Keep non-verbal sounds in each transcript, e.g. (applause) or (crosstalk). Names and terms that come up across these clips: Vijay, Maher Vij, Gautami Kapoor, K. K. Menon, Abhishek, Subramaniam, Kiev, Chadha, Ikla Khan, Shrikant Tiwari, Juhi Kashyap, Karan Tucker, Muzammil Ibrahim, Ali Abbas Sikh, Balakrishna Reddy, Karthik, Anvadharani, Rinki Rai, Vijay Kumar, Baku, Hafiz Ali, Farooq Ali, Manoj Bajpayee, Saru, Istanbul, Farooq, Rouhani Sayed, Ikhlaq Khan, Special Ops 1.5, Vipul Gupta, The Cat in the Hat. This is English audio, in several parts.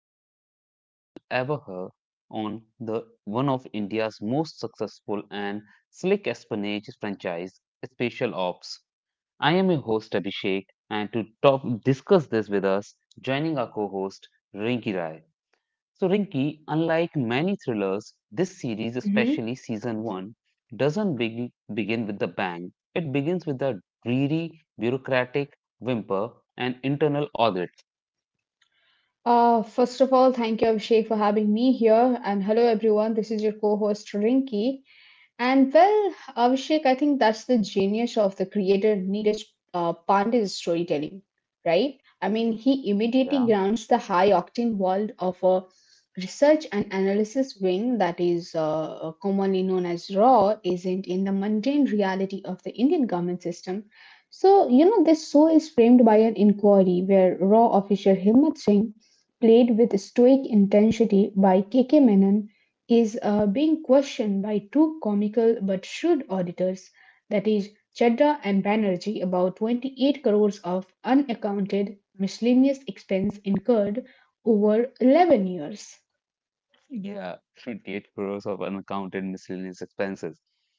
the deepest dive you will ever hear on the one of India's most successful and slick espionage franchise, Special Ops. I am your host Abhishek, and to top discuss this with us, joining our co-host Rinki Rai. So, Rinki, unlike many thrillers, this series, Mhm. especially season one, doesn't begin with the bang. It begins with a dreary, bureaucratic whimper and internal audit. First of all, thank you, Abhishek, for having me here. And hello, everyone. This is your co host, Rinki. And well, Abhishek, I think that's the genius of the creator Neeraj Pandey's storytelling, right? I mean, he immediately Yeah. grounds the high octane world of a research and analysis wing that is commonly known as RAW isn't in the mundane reality of the Indian government system. So, you know, this show is framed by an inquiry where RAW officer Himmat Singh played with stoic intensity by K. K. Menon, is being questioned by two comical but shrewd auditors, that is, Chadha and Banerjee, about 28 crores of unaccounted miscellaneous expense incurred over 11 years. Yeah, 58 crores of unaccounted miscellaneous expenses.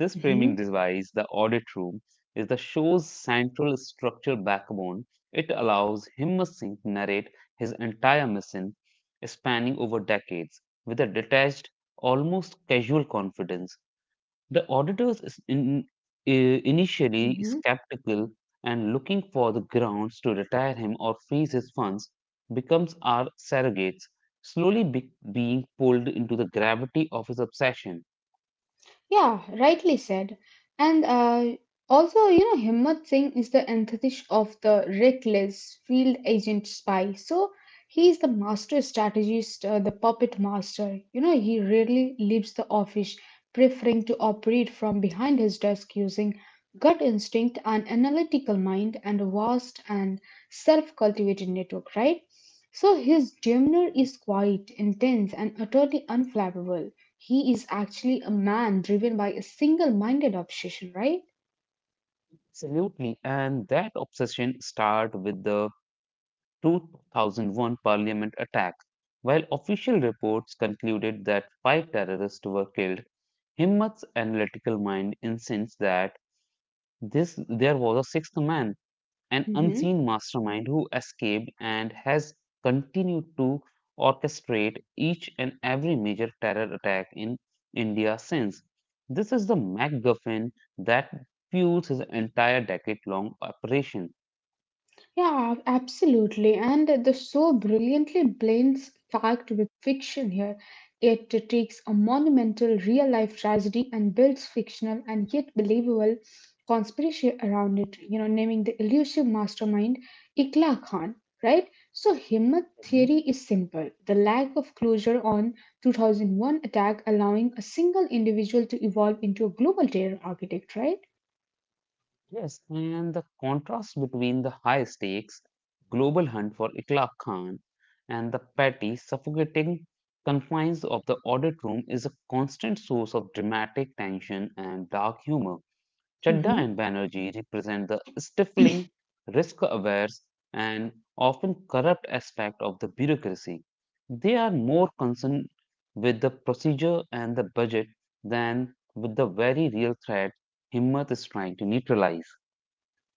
Yes, this Mhm, framing device, the audit room, is the show's central structural backbone. It allows him Singh to narrate his entire mission, spanning over decades, with a detached, almost casual confidence. The auditors is in, mhm. initially skeptical and looking for the grounds to retire him or freeze his funds becomes our surrogates, slowly being pulled into the gravity of his obsession. Yeah, rightly said. And also, you know, Himmat Singh is the antithesis of the reckless field agent spy. So he is the master strategist, the puppet master. You know, he rarely leaves the office, preferring to operate from behind his desk using gut instinct, an analytical mind, and a vast and self-cultivated network, right? So his demeanor is quiet, intense, and utterly unflappable. He is actually a man driven by a single minded obsession, right? Absolutely, and that obsession started with the 2001 Parliament attack. While official reports concluded that five terrorists were killed, Himmat's analytical mind insists that this there was a sixth man, an hmm unseen mastermind who escaped and has continued to orchestrate each and every major terror attack in India since. This is the MacGuffin that fuels his entire decade long operation. Yeah, absolutely. And the show brilliantly blends fact with fiction here. It takes a monumental real life tragedy and builds fictional and yet believable conspiracy around it, you know, naming the elusive mastermind Ikla Khan, right? So, Himmat theory is Mhm. simple the lack of closure on 2001 attack allowing a single individual to evolve into a global terror architect, right? Yes, and the contrast between the high stakes global hunt for Ikhla Khan and the petty, suffocating confines of the audit room is a constant source of dramatic tension and dark humor. Mm-hmm. Chadda and Banerjee represent the stifling, risk aware, and often corrupt aspect of the bureaucracy. They are more concerned with the procedure and the budget than with the very real threat Himmat is trying to neutralize.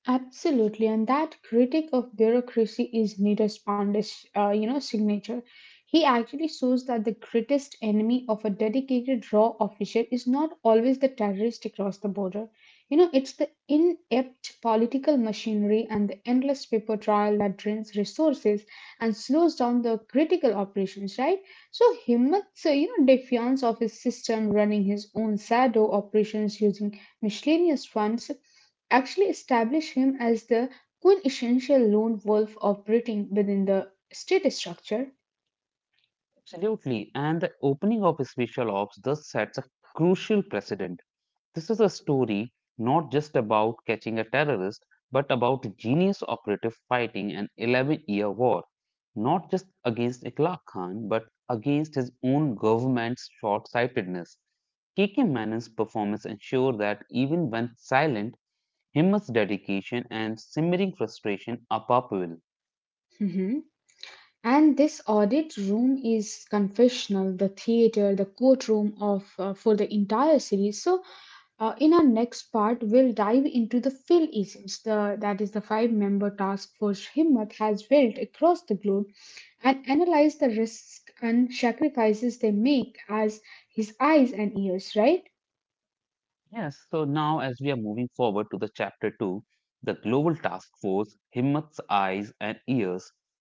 Absolutely, and that critic of bureaucracy is Neeraj Pandey's, you know, signature. He actually shows that the greatest enemy of a dedicated raw official is not always the terrorist across the border. You know, it's the inept political machinery and the endless paper trail that drains resources and slows down the critical operations, right? So Himmat's, you know, defiance of his system running his own shadow operations using miscellaneous funds actually establish him as the quintessential lone wolf operating within the state structure. Absolutely, and the opening of special ops thus sets a crucial precedent. This is a story not just about catching a terrorist, but about a genius operative fighting an 11-year war, not just against Iqlaq Khan, but against his own government's short sightedness. KK Menon's performance ensure that even when silent, Himmat's dedication and simmering frustration are palpable. Mhm. And this audit room is confessional, the theater, the courtroom of for the entire series. So, in our next part, we'll dive into the Phil isms, the that is the five-member task force Himmat has built across the globe, and analyze the risks and sacrifices they make as his eyes and ears. Right? Yes, so now as we are moving forward to the chapter 2, the global task force, Himmat's eyes and ears.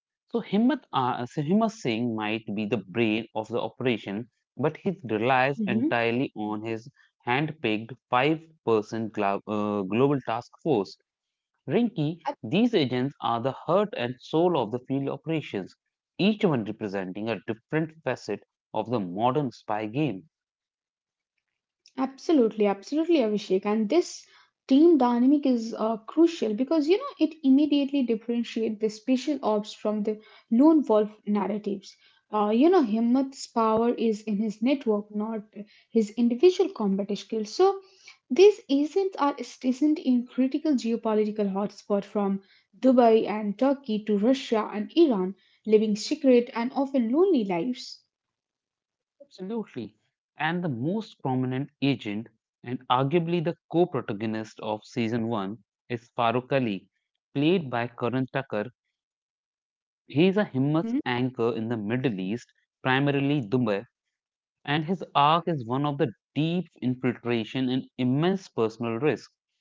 So Himmat Singh might be the brain of the operation, but he relies Mhm. entirely on his hand-picked five-person global task force. Rinki, these agents are the heart and soul of the field operations, each one representing a different facet of the modern spy game. Absolutely, absolutely, Abhishek. And this team dynamic is crucial because you know it immediately differentiates the special ops from the lone wolf narratives. You know, Himmat's power is in his network, not his individual combat skills. So these agents are stationed in critical geopolitical hotspot from Dubai and Turkey to Russia and Iran, living secret and often lonely lives. Absolutely. And the most prominent agent and arguably the co-protagonist of season one is Farooq Ali, played by Karan Tucker. He is a Himmat's anchor in the Middle East, primarily Dubai, and his arc is one of the deep infiltration and immense personal risk.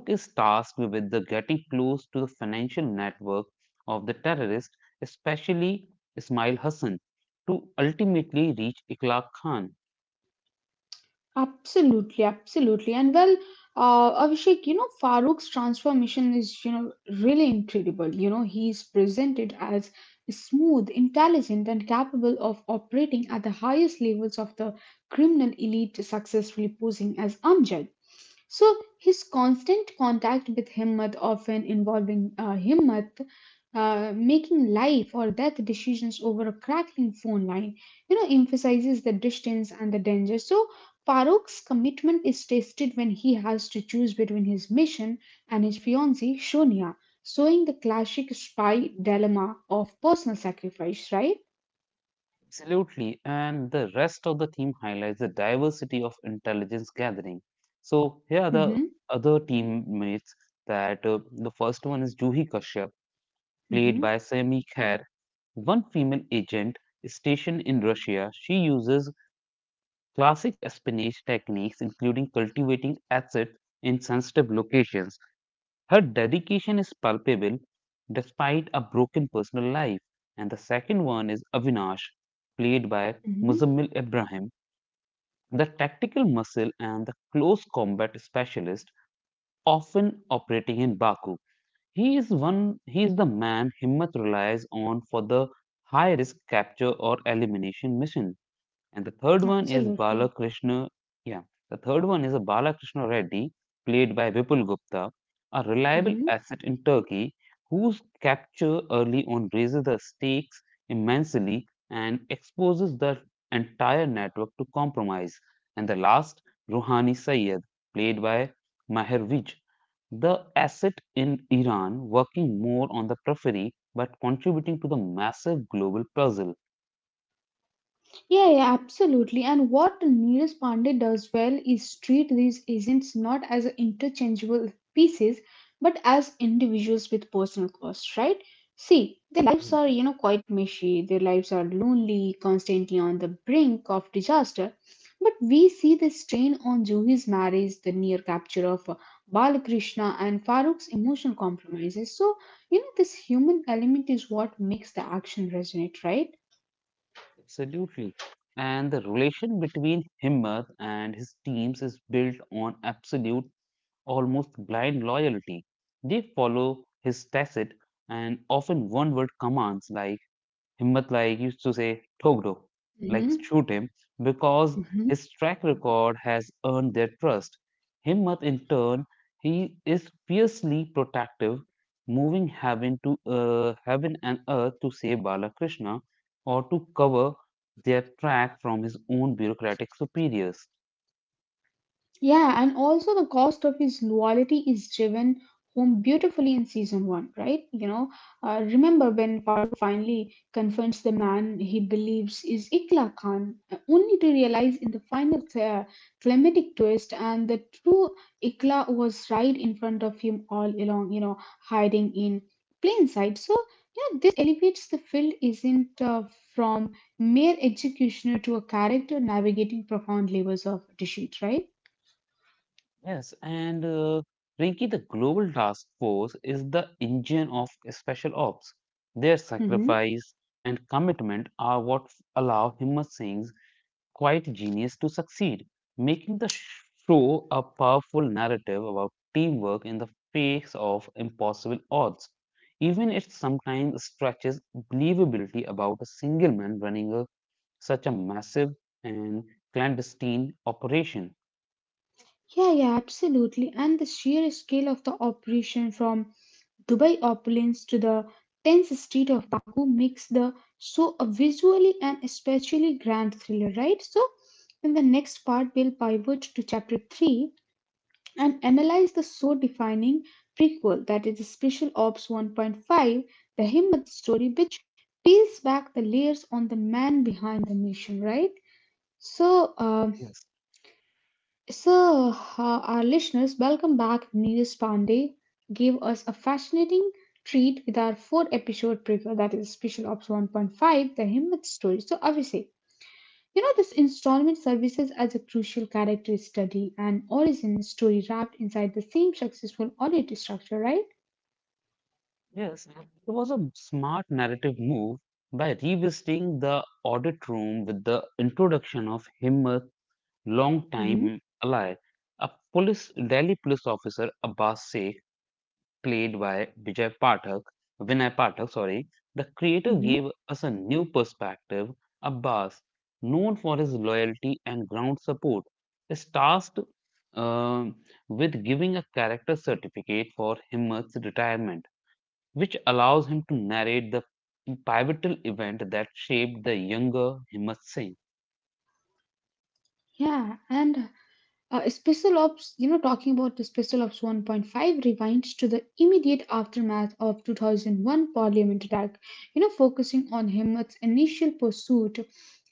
Farooq is tasked with the getting close to the financial network of the terrorist, especially Ismail Hassan, to ultimately reach Iqlaq Khan. Absolutely, absolutely. And well, Abhishek, you know, Farooq's transformation is, you know, really incredible. You know, he's presented as smooth, intelligent, and capable of operating at the highest levels of the criminal elite, successfully posing as Amjad. So his constant contact with Himmat, often involving Himmat making life or death decisions over a crackling phone line, you know, emphasizes the distance and the danger. So Farooq's commitment is tested when he has to choose between his mission and his fiancée Sonia, showing the classic spy dilemma of personal sacrifice, right? Absolutely, and the rest of the theme highlights the diversity of intelligence gathering. So here are Mm-hmm, the other teammates that the first one is Juhi Kashyap, mm-hmm, played by Sami Kher, one female agent stationed in Russia. She uses classic espionage techniques, including cultivating assets in sensitive locations. Her dedication is palpable despite a broken personal life. And the second one is Avinash, played by mm-hmm, Muzammil Ibrahim, the tactical muscle and the close combat specialist often operating in Baku. He is the man Himmat relies on for the high risk capture or elimination mission. And the third one is absolutely. Balakrishna. Yeah, the third one is a Balakrishna Reddy, played by Vipul Gupta, a reliable Mm-hmm. asset in Turkey, whose capture early on raises the stakes immensely and exposes the entire network to compromise. And the last, Rouhani Sayed, played by Maher Vij, the asset in Iran, working more on the periphery but contributing to the massive global puzzle. Yeah, yeah, absolutely. And what Neeraj Pandey does well is treat these agents not as interchangeable pieces, but as individuals with personal costs, right? See, their lives are, you know, quite meshy. Their lives are lonely, constantly on the brink of disaster. But we see the strain on Juhi's marriage, the near capture of Balakrishna, and Farooq's emotional compromises. So, you know, this human element is what makes the action resonate, right? Absolutely. And the relation between Himmat and his teams is built on absolute, almost blind loyalty. They follow his tacit and often one word commands like Himmat like used to say "Thok do," hmm like shoot him, because his track record has earned their trust. Himmat, in turn, he is fiercely protective, moving heaven and earth to save Balakrishna or to cover their track from his own bureaucratic superiors. Yeah, and also the cost of his loyalty is driven home beautifully in season one, right? You know, remember when Farooq finally confronts the man he believes is Ikla Khan, only to realize in the final climatic twist and the true Ikla was right in front of him all along, you know, hiding in plain sight. So, you know, this elevates the film isn't from mere executioner to a character navigating profound levels of deceit, right? Yes, and Rinki, the Global Task Force is the engine of special ops. Their Mm-hmm. sacrifice and commitment are what allow Himmat Singh's quiet genius to succeed, making the show a powerful narrative about teamwork in the face of impossible odds. Even it sometimes stretches believability about a single man running a, such a massive and clandestine operation. Yeah, yeah, absolutely. And the sheer scale of the operation from Dubai opulence to the 10th street of Baku makes the so a visually and especially grand thriller, right? So in the next part, we'll pivot to chapter 3 and analyze the so defining prequel that is Special Ops 1.5, the Himmat story, which peels back the layers on the man behind the mission, right? So, um, Yes. So, our listeners, welcome back. Neeraj Pandey gave us a fascinating treat with our 4 episode preview, that is Special Ops 1.5, The Himmat Story. So, Abhishek, you know, this installment services as a crucial character study and origin story wrapped inside the same successful audit structure, right? Yes, it was a smart narrative move by revisiting the audit room with the introduction of Himmat, hmm longtime ally, a police Delhi police officer Abbas Sheikh, played by Vijay Pathak, Vinay Pathak. Sorry, the creator hmm gave us a new perspective. Abbas, known for his loyalty and ground support, is tasked um, with giving a character certificate for Himmat's retirement which allows him to narrate the pivotal event that shaped the younger Himmat Singh. Yeah, and Special Ops, you know, talking about the Special Ops 1.5 rewinds to the immediate aftermath of 2001 Parliament you know, focusing on Himmat's initial pursuit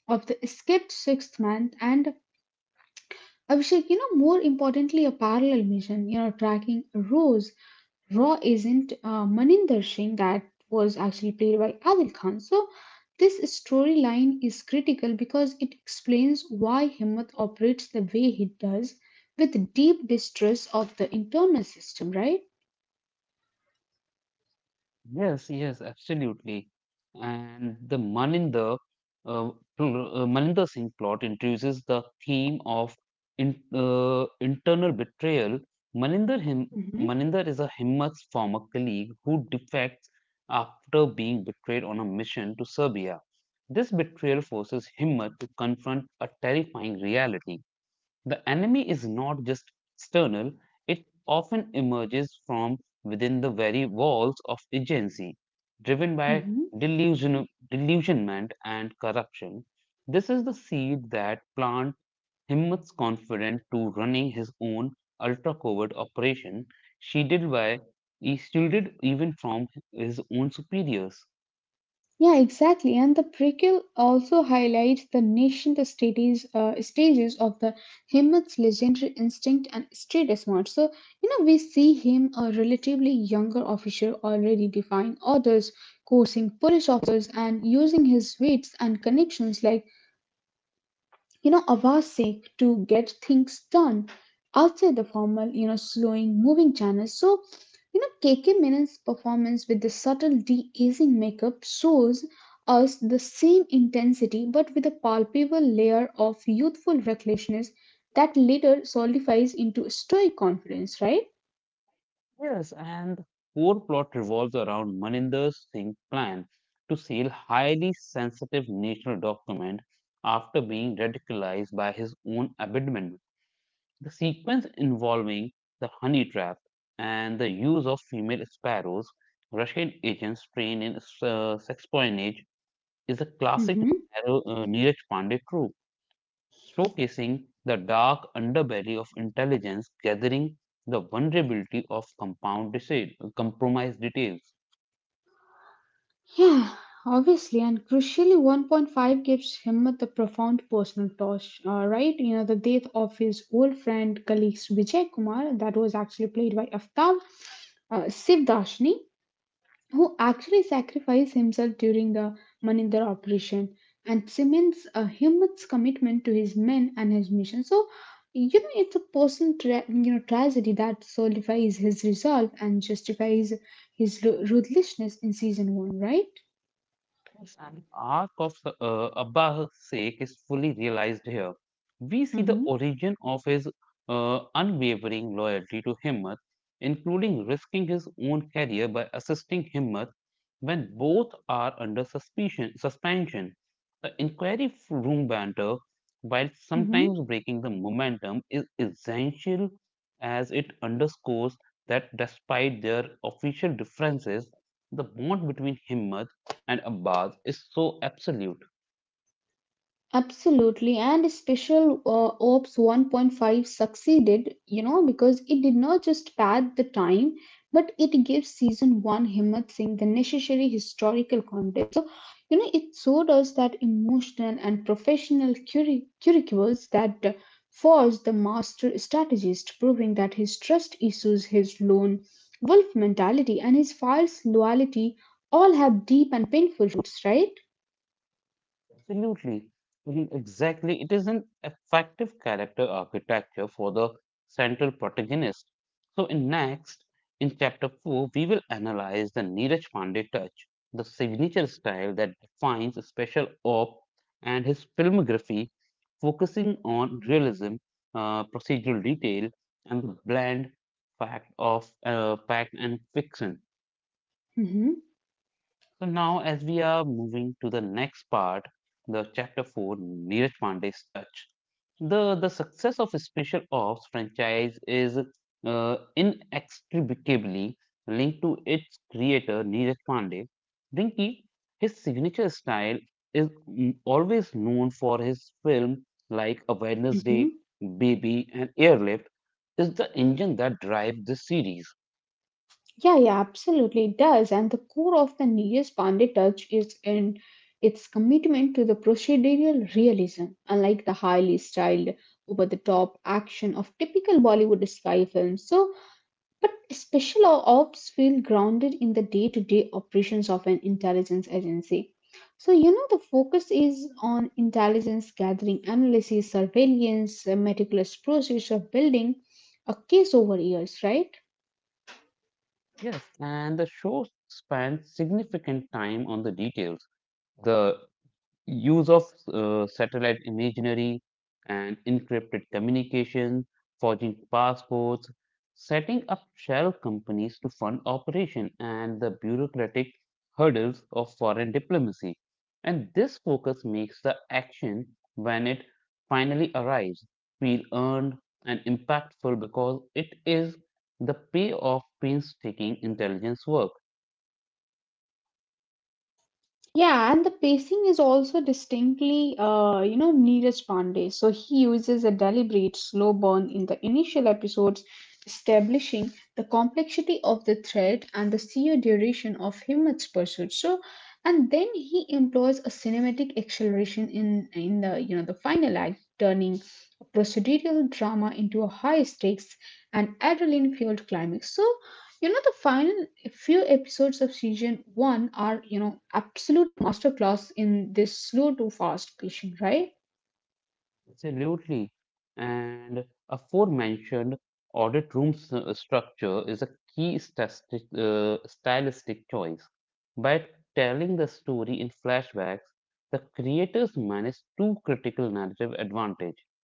of the escaped sixth man and Abhishek, you know, more importantly, a parallel mission, you know, tracking Rose, raw agent Maninder Singh that was actually played by Adil Khan. So this storyline is critical because it explains why Himmat operates the way he does with deep distress of the internal system, right? Yes, yes, absolutely. And the uh, Maninder Singh plot introduces the theme of internal betrayal. Maninder, him, Maninder is a Himmat's former colleague who defects after being betrayed on a mission to Serbia. This betrayal forces Himmat to confront a terrifying reality. The enemy is not just external, it often emerges from within the very walls of agency, driven by hmm delusion, delusionment and corruption. This is the seed that plant Himmat's confident to running his own ultra covert operation, shielded by shielded even from his own superiors. Yeah, exactly. And the prequel also highlights the nascent stages of the Himmat's legendary instinct and street smart. So, you know, we see him, a relatively younger officer, already defying orders, coursing police officers, and using his wits and connections like you know, of our sake to get things done outside the formal, you know, slowing moving channels. So, you know, KK Menon's performance with the subtle de-aging makeup shows us the same intensity but with a palpable layer of youthful recklessness that later solidifies into stoic confidence, right? Yes, and the core plot revolves around Maninder Singh's plan to steal highly sensitive national document after being radicalized by his own abandonment. The sequence involving the honey trap and the use of female sparrows, Russian agents trained in sexpionage, is a classic Mhm. Neeraj Pandey trope showcasing the dark underbelly of intelligence gathering, the vulnerability of compromised details. (sighs) Yeah, obviously, and crucially, 1.5 gives Himmat the profound personal touch, right? You know, the death of his old friend, colleague Vijay Kumar, that was actually played by Aftab Sivdashni, who actually sacrificed himself during the Maninder operation, and cements Himmat's commitment to his men and his mission. So, you know, it's a personal, you know, tragedy that solidifies his resolve and justifies his ruthlessness in season one, right? An arc of Abba's sake is fully realized here. We see the Mhm. origin of his unwavering loyalty to Himmat, including risking his own career by assisting Himmat when both are under suspension. The inquiry room banter, while Mhm. sometimes breaking the momentum, is essential as it underscores that despite their official differences, the bond between him and Abbas is so absolute. Absolutely, and Special Ops 1.5 succeeded, you know, because it did not just pad the time, but it gave season one Himmat Singh the necessary historical context. So, you know, it showed us that emotional and professional curriculums that forged the master strategist, proving that his trust issues, his lone wolf mentality, and his false loyalty all have deep and painful roots, right? Absolutely. Mm, exactly. It is an effective character architecture for the central protagonist. So, in chapter 4, we will analyze the Neeraj Pandey touch, the signature style that defines special op and his filmography, focusing on realism, procedural detail, and the bland fact and fiction. Mm-hmm. So now, as we are moving to the next part, the chapter four, Neeraj Pandey's touch. The success of Special Ops franchise is inextricably linked to its creator Neeraj Pandey. Rinki, his signature style is always known for his film like A Mm-hmm. Wednesday, Baby, and Airlift is the engine that drives the series. Yeah, yeah, absolutely it does. And the core of the Neeraj Pandey touch is in its commitment to the procedural realism, unlike the highly styled, over-the-top action of typical Bollywood spy films. So, but special ops feel grounded in the day-to-day operations of an intelligence agency. So, you know, the focus is on intelligence gathering, analysis, surveillance, a meticulous process of building a case over years, right? Yes, and the show spends significant time on the details, the use of satellite imagery and encrypted communication, forging passports, setting up shell companies to fund operation and the bureaucratic hurdles of foreign diplomacy. And this focus makes the action when it finally arrives feel earned and impactful because it is the payoff painstaking intelligence work. Yeah, and the pacing is also distinctly, you know, Neeraj Pandey. So he uses a deliberate slow burn in the initial episodes, establishing the complexity of the thread and the sheer duration of Himmat's pursuit. So, and then he employs a cinematic acceleration in the you know the final act, turning a procedural drama into a high stakes and adrenaline fueled climax. So, you know the final few episodes of season one are you know absolutely masterclass in this slow to fast pacing, right? Absolutely. And aforementioned audit room structure is a key stylistic choice. By telling the story in flashbacks, the creators manage two critical narrative advantage.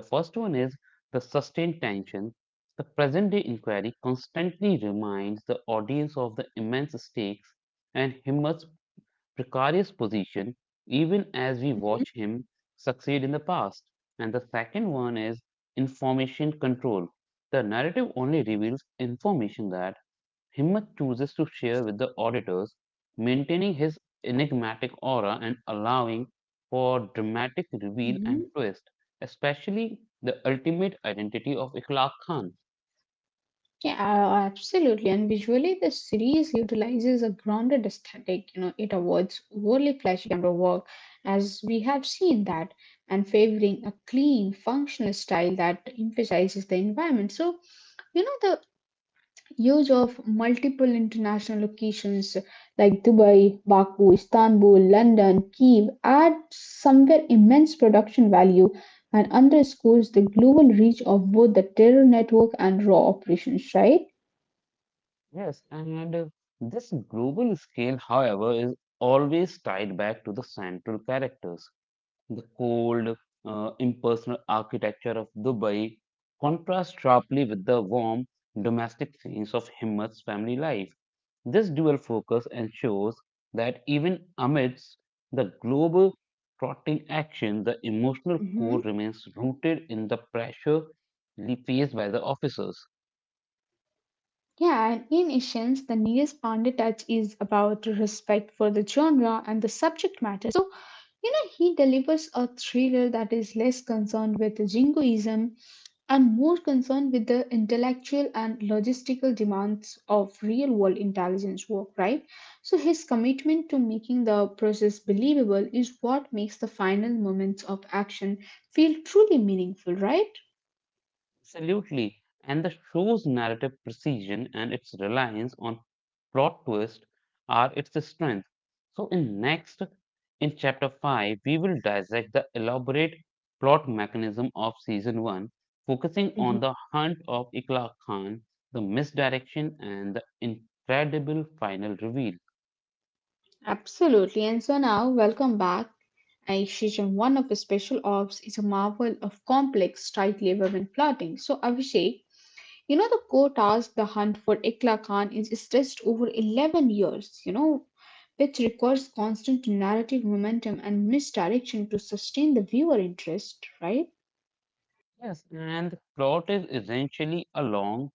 The first one is the sustained tension. The present day inquiry constantly reminds the audience of the immense stakes and precarious position even as we Mhm. watch him succeed in the past. And the second one is information control. The narrative only reveals information that Himmat chooses to share with the auditors, maintaining his enigmatic aura and allowing for dramatic reveal hmm and twist, especially the ultimate identity of Ikhlaq Khan. Yeah, absolutely. And visually, the series utilizes a grounded aesthetic. You know, it avoids overly flashy camera work, as we have seen that, and favoring a clean, functional style that emphasizes the environment. So, you know, the use of multiple international locations like Dubai, Baku, Istanbul, London, Kiev add somewhere immense production value and underscores the global reach of both the terror network and raw operations, right? Yes, and this global scale, however, is always tied back to the central characters. The cold, impersonal architecture of Dubai contrasts sharply with the warm, domestic scenes of Himmat's family life. This dual focus ensures that even amidst the global trotting action, the emotional core remains rooted in the pressure faced by the officers. Yeah, and in essence, the Neeraj Pandey touch is about respect for the genre and the subject matter. So, you know, he delivers a thriller that is less concerned with jingoism and more concerned with the intellectual and logistical demands of real world intelligence work, right? So, his commitment to making the process believable is what makes the final moments of action feel truly meaningful, right? Absolutely. And the show's narrative precision and its reliance on plot twist are its strength. So in chapter 5 we will dissect the elaborate plot mechanism of season 1 focusing Mhm. on the hunt of Ikla Khan, the misdirection and the incredible final reveal. Absolutely. And so now, welcome back. Season 1 of Special Ops is a marvel of complex, tightly woven plotting. So, Abhishek, you know, the core task, the hunt for Ikla Khan, is stretched over 11 years, you know, which requires constant narrative momentum and misdirection to sustain the viewer interest, right? Yes, and the plot is essentially a long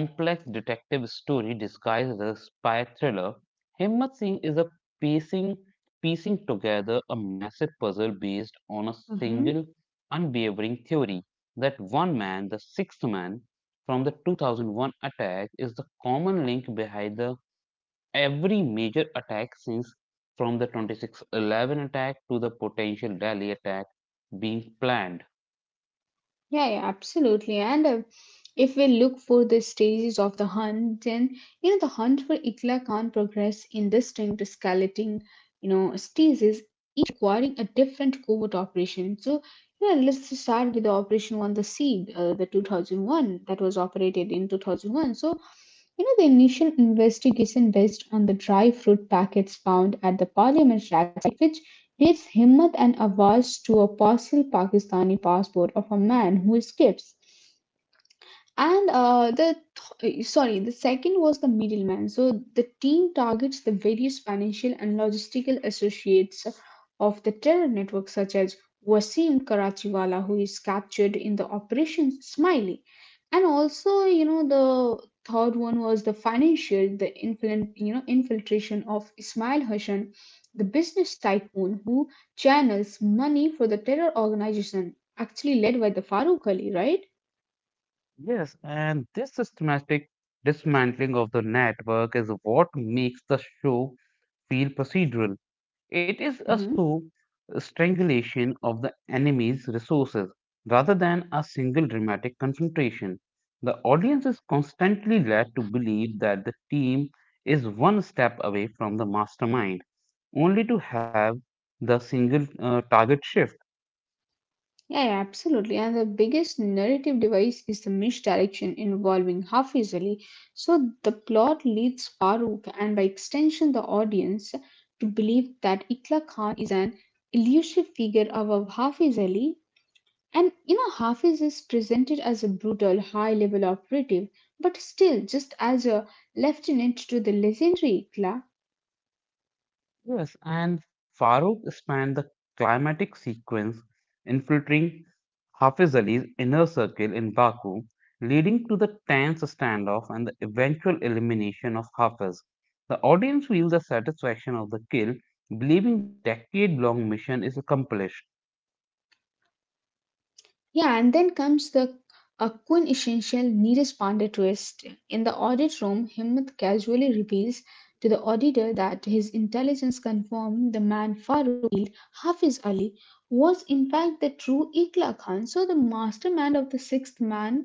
complex detective story disguised as a spy thriller. Himmat Singh is a piecing, piecing together a massive puzzle based on a single unwavering theory that one man, the sixth man from the 2001 attack, is the common link behind the every major attack since from the 2611 attack to the potential Delhi attack being planned. Yeah, yeah, absolutely. And if we look for the stages of the hunt, then you know the hunt for Ikla Khan progress in distinct skeleton, you know, stages, each requiring a different covert operation. So, yeah, let's just start with the operation one, the seed, the 2001 that was operated in 2001. So, you know, the initial investigation based on the dry fruit packets found at the parliament rack site, which dates Himmat and Awaz to a possible Pakistani passport of a man who escapes and sorry, the second was the middleman, so the team targets the various financial and logistical associates of the terror network, such as Wasim Karachiwala, who is captured in the operation Smiley. And also, you know, the third one was the financial, the you know, infiltration of Ismail Hassan, the business tycoon who channels money for the terror organization actually led by the Farooq Ali, right? Yes, and this systematic dismantling of the network is what makes the show feel procedural. It is a slow Mhm. strangulation of the enemy's resources rather than a single dramatic confrontation. The audience is constantly led to believe that the team is one step away from the mastermind, only to have the single target shift. Yeah, yeah, absolutely. And the biggest narrative device is the misdirection involving half easily. So the plot leads Farooq, and by extension the audience, to believe that Ikla Khan is an elusive figure above Hafiz Ali. And you know, Hafiz is presented as a brutal, high level operative, but still just as a lieutenant to the legendary Ikla. Yes, and Farooq spanned the climatic sequence, infiltrating Hafiz Ali's inner circle in Baku, leading to the tense standoff and the eventual elimination of Hafiz. The audience feels the satisfaction of the kill, believing the decade long mission is accomplished. Yeah, and then comes the a quintessential Neeraj Pandey twist. In the audit room, Himmat casually reveals to the auditor that his intelligence confirmed the man Farooq killed, Hafiz Ali, was in fact the true Ikla Khan, so the mastermind of the sixth man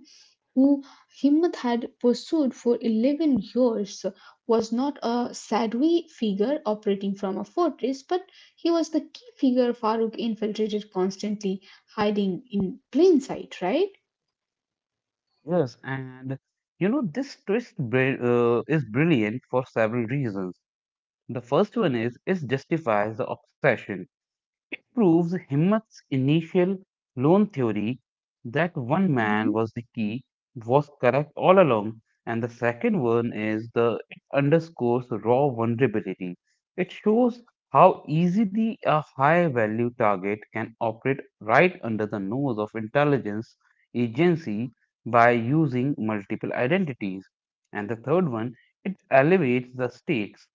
who Himmat had pursued for 11 years was not a shadowy figure operating from a fortress, but he was the key figure Farooq infiltrated, constantly hiding in plain sight, right? Yes, and you know, this is brilliant for several reasons. The first one is it justifies the obsession. It proves Himmat's initial loan theory that one man Hmm. was the key was correct all along, and the second one is the it underscores raw vulnerability. It shows how easily a high value target can operate right under the nose of intelligence agency by using multiple identities. And the third one, it elevates the stakes.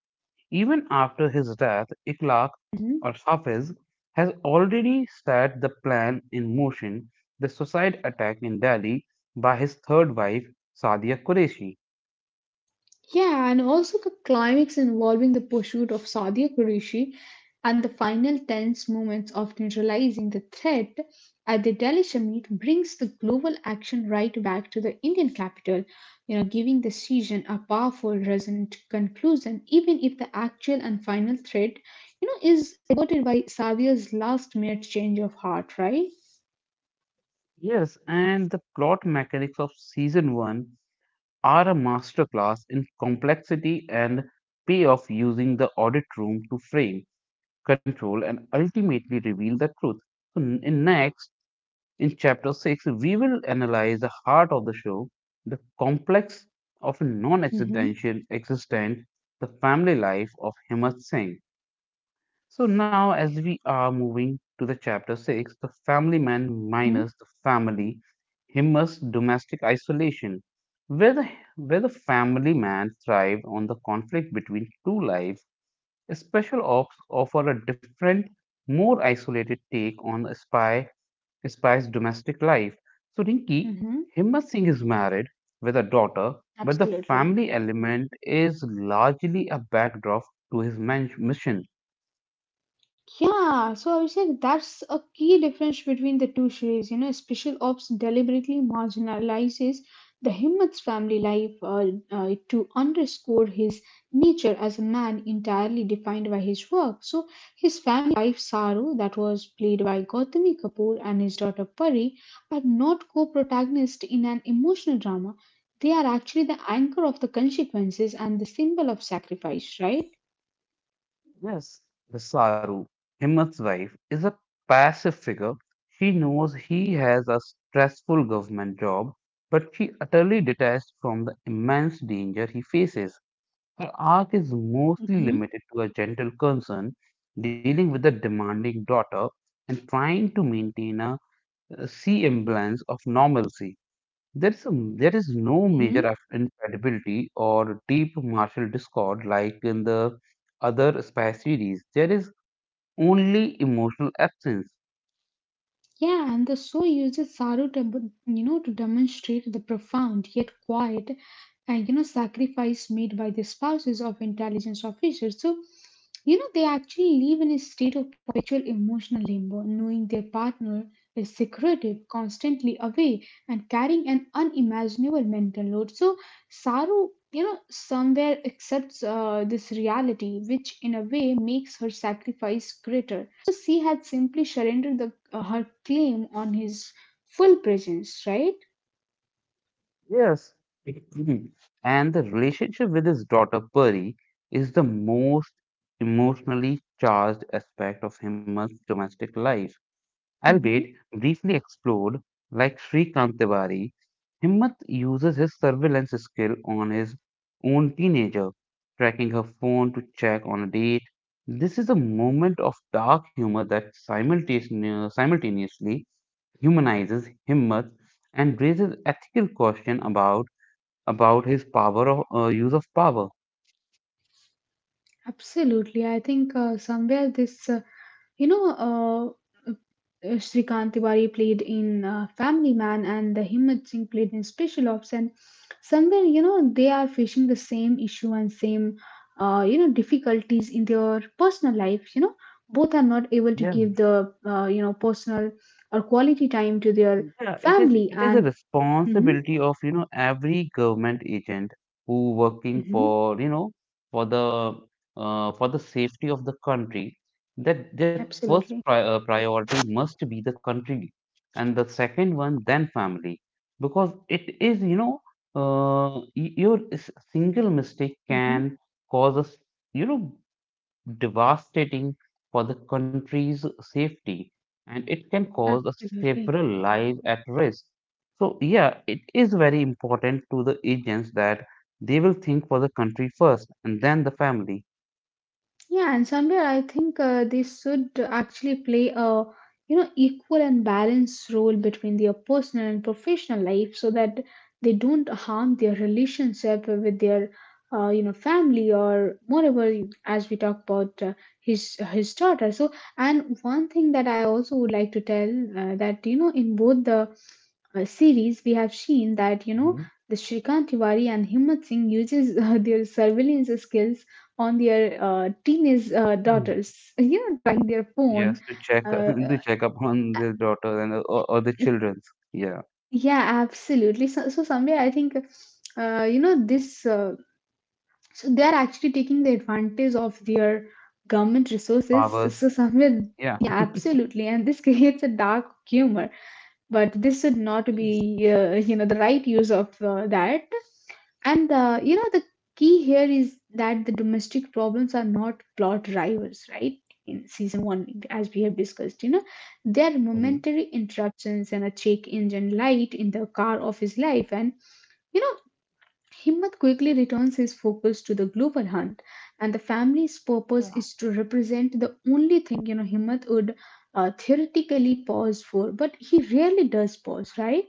Even after his death, Iqlaq or Hmm. Hafiz has already set the plan in motion, the suicide attack in Delhi by his third wife, Sadia Qureshi. Yeah, and also the climax involving the pursuit of Sadia Qureshi and the final tense moments of neutralizing the threat at the Delhi summit brings the global action right back to the Indian capital, you know, giving the season a powerful, resonant conclusion, even if the actual and final threat, you know, is averted by Sadia's last minute change of heart, right? Yes, and the plot mechanics of season 1 are a masterclass in complexity and payoff using the audit room to frame, control, and ultimately reveal the truth. So, in chapter 6, we will analyze the heart of the show, the complex of non Hmm. existential existence, the family life of Himmat Singh. So, now as we are moving to the chapter 6, the family man Hmm. minus the family, Himmat's domestic isolation, where the, where the family man thrived on the conflict between two lives, special ops offer a different, more isolated take on a spy spice domestic life. So Rinki, Hmm. Himmat Singh is married with a daughter, but the Absolutely. family element is largely a backdrop to his mission. Yeah, so Abhishek, that's a key difference between the two series. You know, Special Ops deliberately marginalizes the Himmat's family life to underscore his nature as a man entirely defined by his work. So his family, wife Saru, that was played by Gautami Kapoor, and his daughter Pari are not co-protagonists in an emotional drama. They are actually the anchor of the consequences and the symbol of sacrifice, right? Yes, the Saru, Himmat's wife, is a passive figure. She knows he has a stressful government job, but she utterly detached from the immense danger he faces. Her arc is mostly Hmm. limited to a gentle concern, dealing with a demanding daughter and trying to maintain a see semblance of normalcy. There is no measure of incredibility or deep martial discord like in the other spy series. There is only emotional absence. Yeah, and the show uses sorrow to, you know, to demonstrate the profound yet quiet, and you know, sacrifice made by the spouses of intelligence officers. So, you know, they actually live in a state of perpetual emotional limbo, knowing their partner is secretive, constantly away, and carrying an unimaginable mental load. So, Saru, you know, somewhere accepts this reality, which in a way makes her sacrifice greater. She had simply surrendered her claim on his full presence, right? Yes, mhm, and the relationship with his daughter Puri is the most emotionally charged aspect of Hema's domestic life, albeit Mm-hmm. briefly explored. Like Shrikant Tiwari, Himmat uses his surveillance skill on his own teenager, tracking her phone to check on a date. This is a moment of dark humor that simultaneously humanizes Himmat and raises ethical question about his power of use of power. Absolutely. I think somewhere this, you know, uh, Shrikant Tiwari played in Family Man, and the Himmat Singh played in Special Ops. And somewhere, you know, they are facing the same issue and same, you know, difficulties in their personal life. You know, both are not able to Yeah, give the, you know, personal or quality time to their yeah, it is family. it is a And, mm-hmm, responsibility of, you know, every government agent who working mm-hmm. for, you know, for the for the safety of the country, that their first Absolutely. Priority must be the country and the second one then family because it is, you know, your single mistake Hmm. can cause us, you know, devastating for the country's safety, and it can cause Absolutely. several lives at risk. So, yeah, it is very important to the agents that they will think for the country first and then the family. Yeah, and somewhere I think this should actually play a you know equal and balanced role between their personal and professional life, so that they don't harm their relationship with their you know family, or moreover, as we talk about his daughter. So, and one thing that I also would like to tell that you know in both the series we have seen that you know Mhm. the Shrikant Tiwari and Himmat Singh uses (laughs) their surveillance skills on their teenage Mm. daughters, you know, tracking their Yes, phone. to check Uh, (laughs) to check up on their daughters and, or the uh, childrens. Yeah, yeah, absolutely. So, so somewhere I think, you know, so they are actually taking the advantage of their government resources. So fathers. so somewhere, Yeah. (laughs) yeah, absolutely, and this (laughs) creates a dark humor. But this should not be, Yes. You know, the right use of that. And you know, the key here is that the domestic problems are not plot drivers, right? In season one, as we have discussed, you know, they are Mhm. momentary interruptions and a check engine light in the car of his life. And you know, Himmat quickly returns his focus to the global hunt, and the family's purpose Yeah. is to represent the only thing you know Himmat would theoretically pause for, but he rarely does pause, right?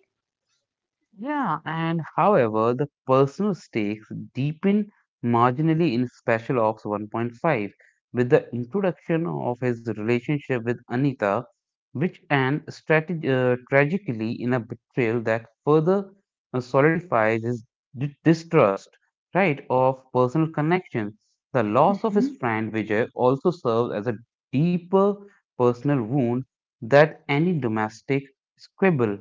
Yeah, and however, the personal stakes deepen marginally in Special Ops 1.5 with the introduction of his relationship with Anita, which and tragically in a betrayal that further solidifies his distrust, right, of personal connection. The loss of his Mm-hmm. friend Vijay also serves as a deeper personal wound that any domestic squabble.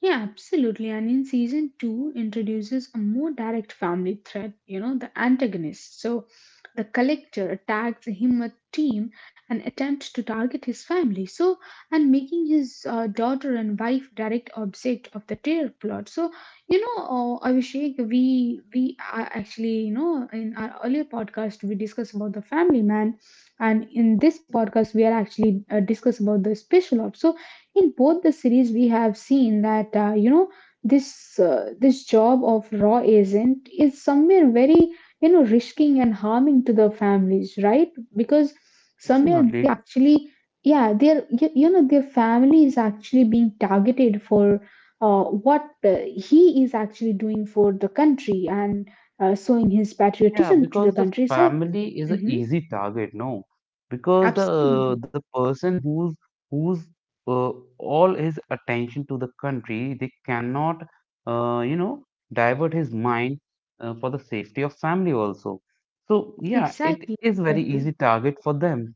Yeah, absolutely. And in season two, introduces a more direct family threat, you know, the antagonist. So the collector attacks him a team and attempts to target his family. So, and making his daughter and wife direct object of the terror plot. So, you know, Abhishek, we are actually, you know, in our earlier podcast, we discussed about the family man. And in this podcast, we are actually discuss about the special ops. So, in both the series we have seen that you know this job of raw agent is somewhere very you know risking and harming to the families, right? Because somewhere they are Absolutely. actually yeah their you, you know their family is actually being targeted for what he is actually doing for the country and showing his Yeah, patriotism to the because the country, so family is an Mhm. easy target, no? Because Absolutely. the person who's uh, all his attention to the country, they cannot you know divert his mind for the safety of family also. So yeah, it Exactly, is very exactly. easy target for them.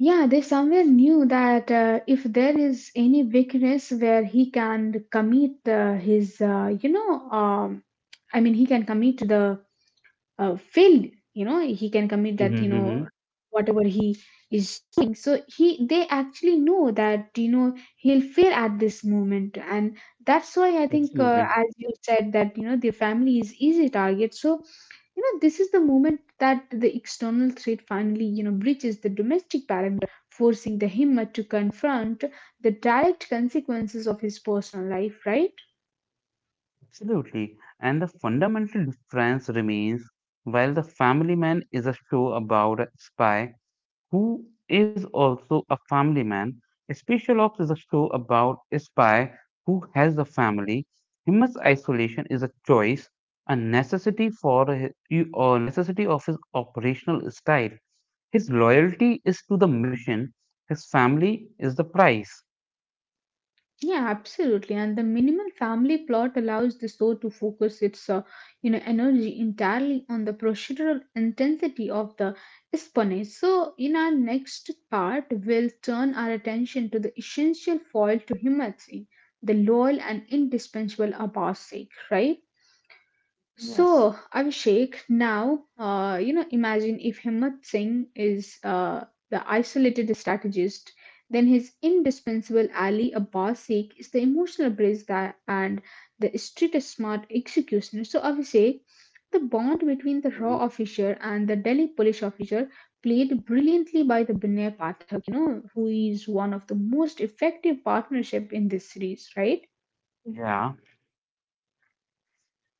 Yeah, they somewhere knew that if there is any weakness where he can commit his, you know, I mean, he can commit the failed, you know, he can commit Mm-hmm, that, you mm-hmm. know, whatever he is doing. So they actually know that, you know, he'll fail at this moment, and that's why I think, as Absolutely, you said, that you know, the family is easy target. So you know, this is the moment that the external threat finally, you know, breaches the domestic parameters, forcing the Himmat to confront the direct consequences of his personal life, right? absolutely. And the fundamental difference remains, while the family man is a show about a spy who is also a family man. Special Ops is a show about a spy who has a family. His isolation is a choice, a necessity for a necessity of his operational style. His loyalty is to the mission. His family is the price. Yeah, absolutely. And the minimal family plot allows the show to focus its, you know, energy entirely on the procedural intensity of the espionage. So, in our next part, we'll turn our attention to the essential foil to Himmat Singh, the loyal and indispensable Abbas Sheikh, right? Yes. So, Abhishek, now, you know, imagine if Himmat Singh is the isolated strategist, then his indispensable Ali Abbas Sikh is the emotional bridge that, and the street smart executioner. So, Abhishek, the bond between the Mhm. raw officer and the Delhi police officer played brilliantly by the Binay Pathak, you know, who is one of the most effective partnership in this series, right? Yeah.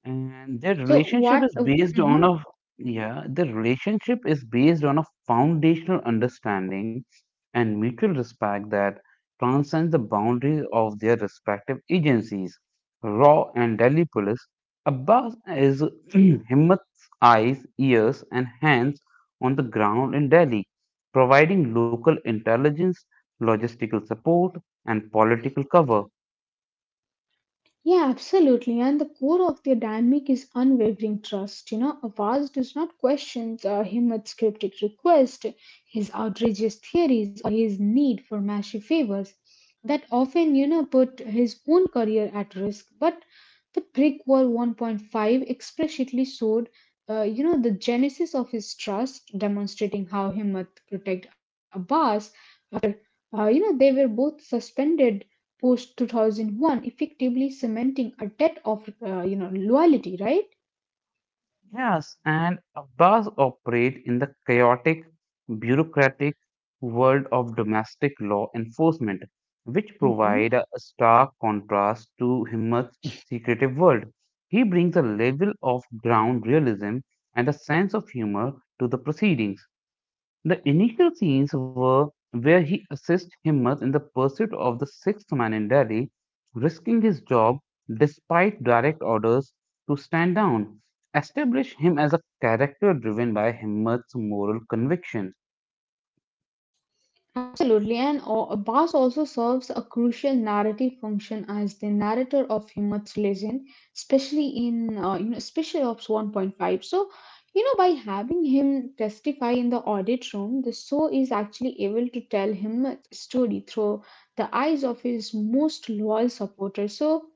and their So, relationship what? is based on Mhm. a Yeah, their relationship is based on a foundational understanding and mutual respect that transcends the boundaries of their respective agencies, raw and delhi police. Abbas is (clears throat) Himmat's eyes, ears and hands on the ground in Delhi, providing local intelligence, logistical support, and political cover. Yeah, absolutely. And the core of their dynamic is unwavering trust. You know, Avaz does not question Himmat's cryptic request, his outrageous theories, or his need for massive favors that often, you know, put his own career at risk. But the Brick Wall 1.5 explicitly showed, you know, the genesis of his trust, demonstrating how Himmat protect Abbas, you know, they were both suspended post 2001, effectively cementing a debt of, you know, loyalty, right? Yes, and Abbas operate in the chaotic, bureaucratic world of domestic law enforcement, which provide Hmm. a stark contrast to Himmat's secretive world. He brings a level of ground realism and a sense of humor to the proceedings. The initial scenes were where he assists Himmat in the pursuit of the sixth man in Delhi, risking his job despite direct orders to stand down, establish him as a character driven by Himmat's moral conviction. Absolutely. And Abbas also serves a crucial narrative function as the narrator of Himmat's legend, especially in, you know, Special Ops 1.5. So, you know, by having him testify in the audit room, the show is actually able to tell him a story through the eyes of his most loyal supporters. So,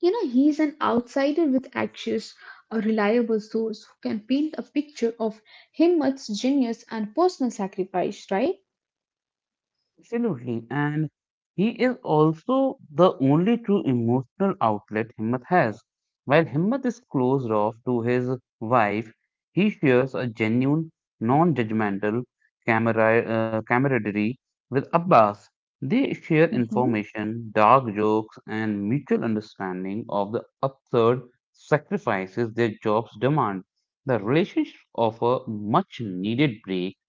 you know, he's an outsider with access, a reliable source who can paint a picture of himmet's genius and personal sacrifice, right? Absolutely. And he is also the only true emotional outlet Himmat has. While Himmat is closed off to his wife, he shares a genuine, non judgmental camaraderie with Abbas. They share Mhm. information, dark jokes, and mutual understanding of the absurd sacrifices their jobs demand. The relationship offers much needed break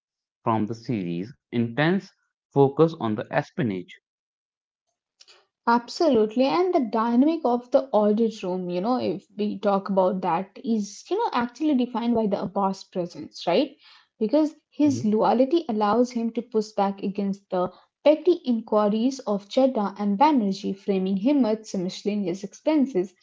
from the series' intense focus on the espionage. Absolutely, and the dynamic of the audit room, you know, if we talk about that, is, you know, actually defined by the boss presence, right? Because his Mhm. loyalty allows him to push back against the petty inquiries of Chadda and Banerjee, framing him as miscellaneous expenses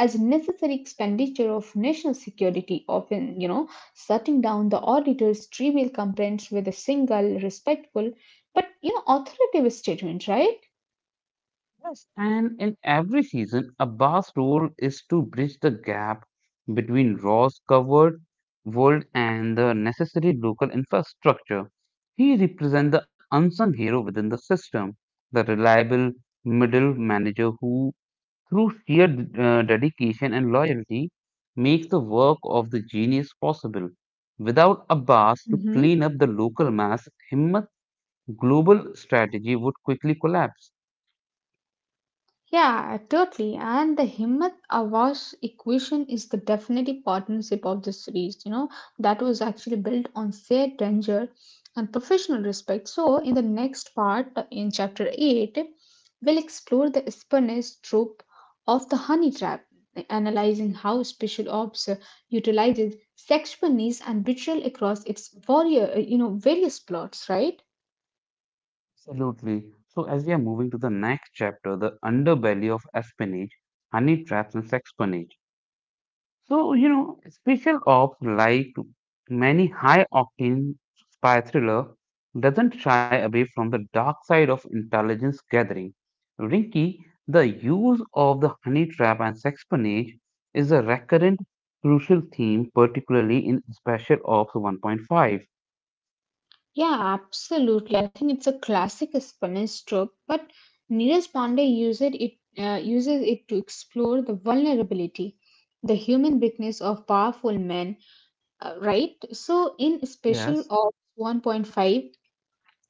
as a necessary expenditure of national security, often, you know, shutting down the auditor's trivial complaints with a single respectful but, you know, authoritative statement, right? Yes. And in every season, Abbas' role is to bridge the gap between Raw's covered world and the necessary local infrastructure. He represents the unsung hero within the system, the reliable middle manager who through sheer dedication and loyalty, makes the work of the genius possible. Without Abbas to clean up the local masses, Himmat global strategy would quickly collapse. Yeah, totally. And the Himmat Awas equation is the definitive partnership of the series, you know, that was actually built on shared danger and professional respect. So, in the next part, in chapter 8, we'll explore the espionage trope of the honey trap, analyzing how special ops utilizes sexual needs and betrayal across its warrior, you know, various plots, right? Absolutely. So, as we are moving to the next chapter, the underbelly of espionage, honey traps, and sexpionage. So, you know, Special Ops, like many high octane spy thriller, doesn't shy away from the dark side of intelligence gathering. Rinky, the use of the honey trap and sexpionage is a recurrent crucial theme, particularly in Special Ops 1.5. Yeah, absolutely. I think it's a classic Spanish trope, but Neeraj Pandey uses it to explore the vulnerability, the human weakness of powerful men, right? So in Special Yes. Ops 1.5,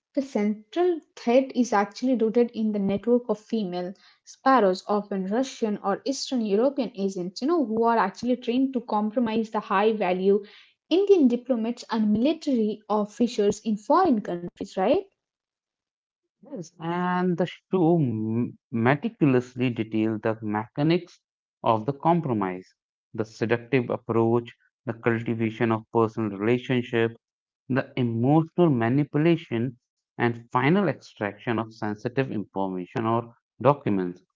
the central threat is actually rooted in the network of female sparrows, often Russian or Eastern European agents, you know, who are actually trained to compromise the high value Indian diplomats and military officers in foreign countries, right? Yes, and the show meticulously detail the mechanics of the compromise, the seductive approach, the cultivation of personal relationship, the emotional manipulation, and final extraction of sensitive information or documents,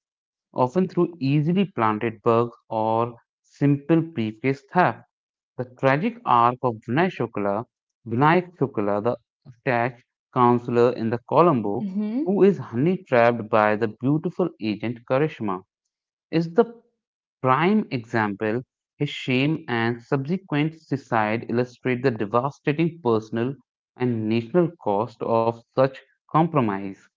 often through easily planted bugs or simple briefcase theft. The tragic arc of Vinay Shukla, Vinayak Shukla, the attached counselor in the Colombo, who is honey trapped by the beautiful agent Karishma, is the prime example. His shame and subsequent suicide illustrate the devastating personal and national cost of such compromise.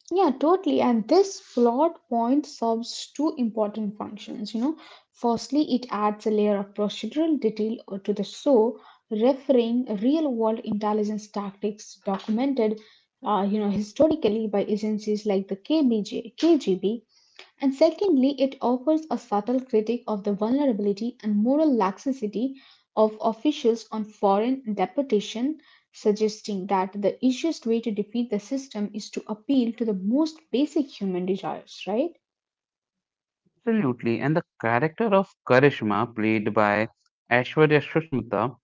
Yeah, totally. And this plot point serves two important functions. You know, firstly, it adds a layer of procedural detail to the show, referring real-world intelligence tactics documented, you know, historically by agencies like the KBJ, KGB, and secondly, it offers a subtle critique of the vulnerability and moral laxity of officials on foreign deportation, suggesting that the easiest way to defeat the system is to appeal to the most basic human desires, right? Absolutely. And the character of Karishma, played by Aishwarya Sushmita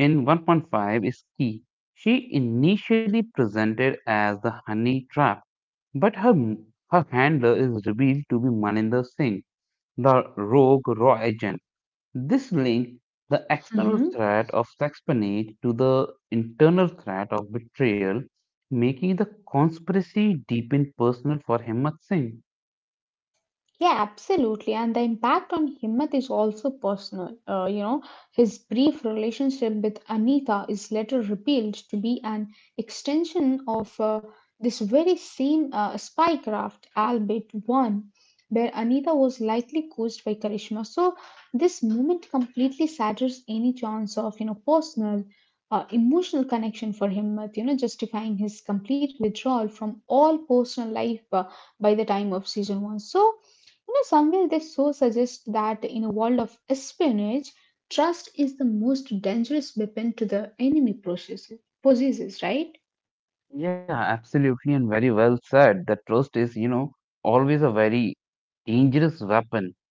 in 1.5, is key. She initially presented as the honey trap, but her handler is revealed to be Maninder Singh, the rogue raw agent. This links the external threat of sexpionage to the internal threat of betrayal, making the conspiracy deepen personal for Himmat Singh. Yeah, absolutely. And the impact on Himmat is also personal. You know, his brief relationship with Anita is later revealed to be an extension of this very same spy craft, albeit one, where Anita was likely coached by Karishma. So this moment completely shatters any chance of, you know, personal, emotional connection for Himmat, you know, justifying his complete withdrawal from all personal life by the time of season one. So, you know, somewhere they so suggest that in a world of espionage, trust is the most dangerous weapon to the enemy process, possesses, right? Yeah, absolutely, and very well said. That trust is, you know, always a very dangerous weapon.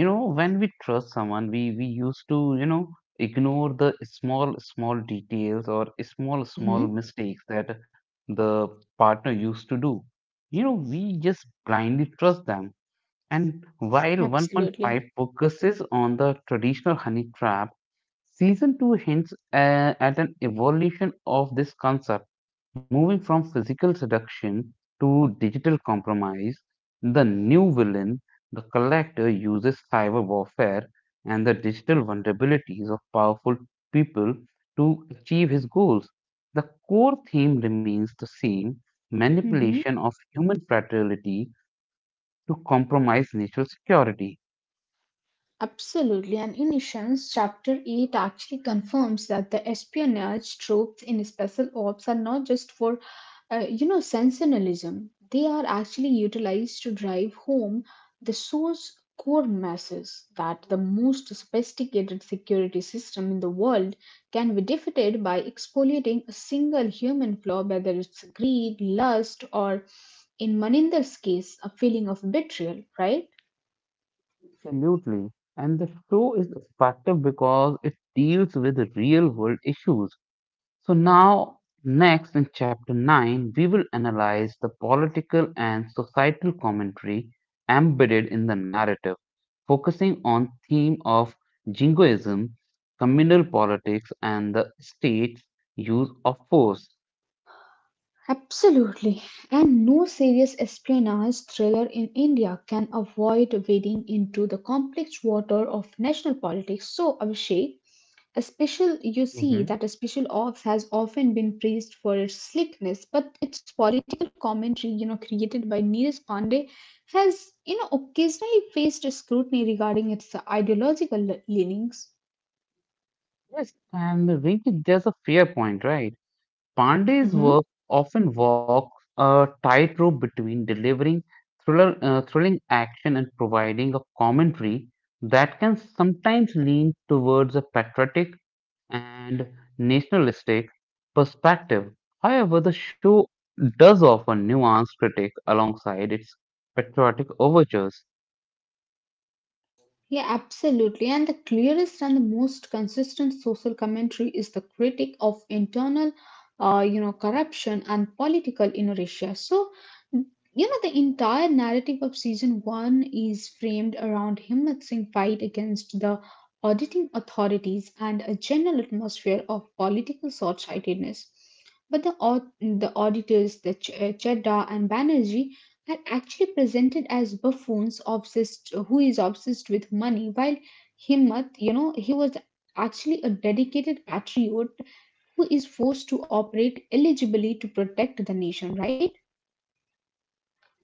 You know, when we trust someone, we used to, you know, ignore the small, small details or small, small Hmm. mistakes that the partner used to do. You know, we just blindly trust them. And while Absolutely. 1.5 focuses on the traditional honey trap, Season 2 hints at an evolution of this concept, moving from physical seduction to digital compromise. The new villain, the collector, uses cyber warfare and the digital vulnerabilities of powerful people to achieve his goals. The core theme remains the same, Hmm. manipulation of human fraternity to compromise national security. Absolutely. And in Ishan's chapter 8 actually confirms that the espionage troops in special ops are not just for you know, sensationalism. They are actually utilized to drive home the source core message that the most sophisticated security system in the world can be defeated by exfoliating a single human flaw, whether it's greed, lust, or in Maninder's case, a feeling of betrayal, right? Absolutely. And the show is effective because it deals with real world issues. So, now, next in chapter 9, we will analyze the political and societal commentary embedded in the narrative, focusing on theme of jingoism, communal politics, and the state's use of force. Absolutely. And no serious espionage thriller in India can avoid wading into the complex water of national politics. So, Abhishek, you see Hmm. that a Special Ops has often been praised for its slickness, but its political commentary, you know, created by Neeraj Pandey has, you know, occasionally faced scrutiny regarding its ideological leanings. Yes, and Rinky, there's a fair point, right? Pandey's Mm-hmm. work often walks a tightrope between delivering thrilling action and providing a commentary that can sometimes lean towards a patriotic and nationalistic perspective. However, the show does offer nuanced critique alongside its patriotic overtures. Yeah, absolutely. And the clearest and the most consistent social commentary is the critic of internal, you know, corruption and political inertia. So, you know, the entire narrative of season one is framed around Himmat Singh's fight against the auditing authorities and a general atmosphere of political short-sightedness. But the auditors, Chadda and Banerjee, are actually presented as buffoons obsessed, who is obsessed with money, while Himmat, you know, he was actually a dedicated patriot, who is forced to operate eligibly to protect the nation, right?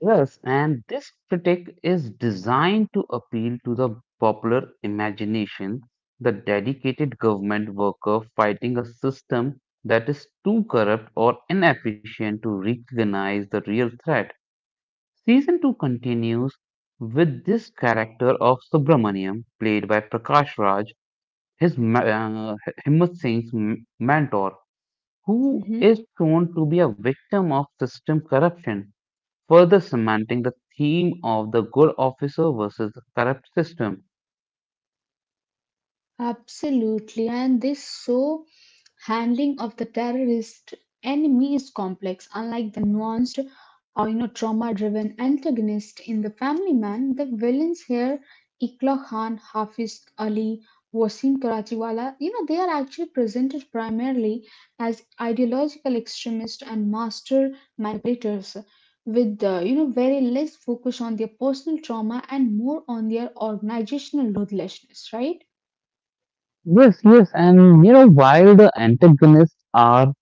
Yes, and this critique is designed to appeal to the popular imagination, the dedicated government worker fighting a system that is too corrupt or inefficient to recognize the real threat. Season 2 continues with this character of Subramaniam, played by Prakash Raj, his Himmat Singh's mentor, who Hmm. is shown to be a victim of system corruption, further cementing the theme of the good officer versus the corrupt system. Absolutely, and this so handling of the terrorist enemy is complex, unlike the nuanced or, you know, trauma-driven antagonist in The Family Man. The villains here, Ikla Khan, Hafiz Ali, Wasim Karachiwala, you know, they are actually presented primarily as ideological extremists and master manipulators, with you know, very less focus on their personal trauma and more on their organizational ruthlessness. Right? Yes, yes, and you know, while the antagonists are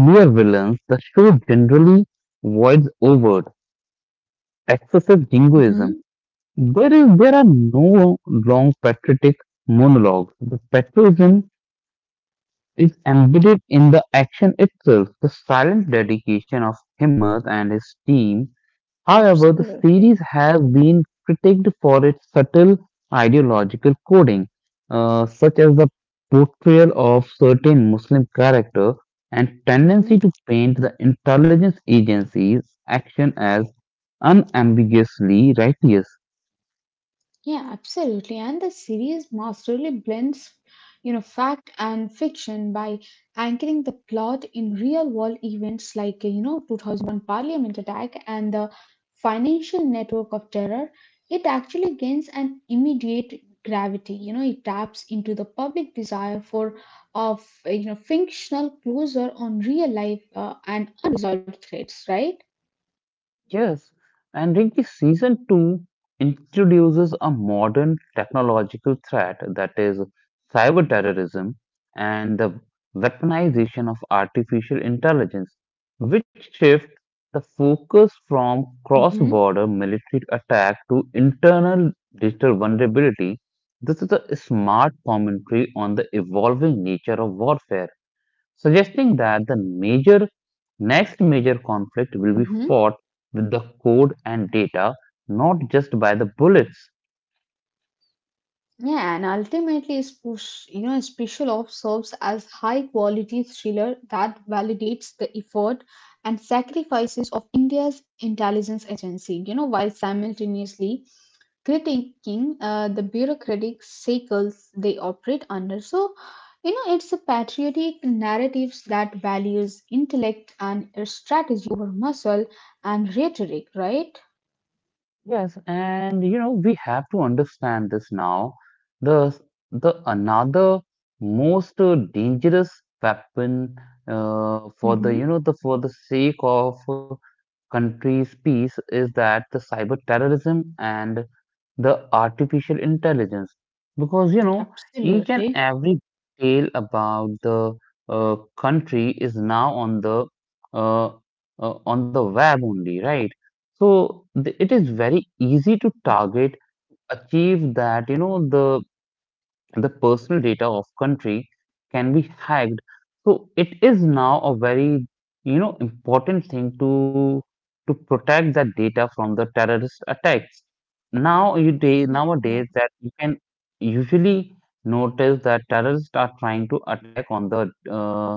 clear villains, the show generally avoids overt, excessive jingoism. Hmm. There are no long patriotic monologues. The patriotism is embedded in the action itself. The silent dedication of Himmat and his team. However, the Absolutely. series has been critiqued for its subtle ideological coding, such as the portrayal of certain Muslim character and Mhm. tendency to paint the intelligence agency's action as unambiguously righteous. Yeah, absolutely. And the series masterly blends, you know, fact and fiction by anchoring the plot in real-world events like, you know, 2001 Parliament attack and the financial network of terror. It actually gains an immediate gravity. You know, it taps into the public desire for of, you know, fictional closure on real life and unresolved threats, right? Yes, and Rinki, season two introduces a modern technological threat, that is cyber terrorism and the weaponization of artificial intelligence, which shift the focus from Mm-hmm. cross-border military attack to internal digital vulnerability. This is a smart commentary on the evolving nature of warfare, suggesting that the major next major conflict will be fought with the code and data, not just by the bullets. Yeah, and ultimately, you know, Special Ops serves as high-quality thriller that validates the effort and sacrifices of India's intelligence agency. You know, while simultaneously critiquing the bureaucratic cycles they operate under. So, you know, it's a patriotic narratives that values intellect and strategy over muscle and rhetoric, right? Yes, and you know we have to understand this now. The the another most dangerous weapon, for the, you Mm-hmm. know, the for the sake of country's peace is that the cyber terrorism and the artificial intelligence, because you know, each and Absolutely. every detail about the country is now uh, on the web only, right? So it is very easy to Mhm. target, achieve that, you know, the personal data of country can be hacked, so it is now a very, you know, important thing to protect that data from the terrorist attacks. Now you day Yeah, yeah. nowadays, that you can usually notice that terrorists are trying to attack on the uh,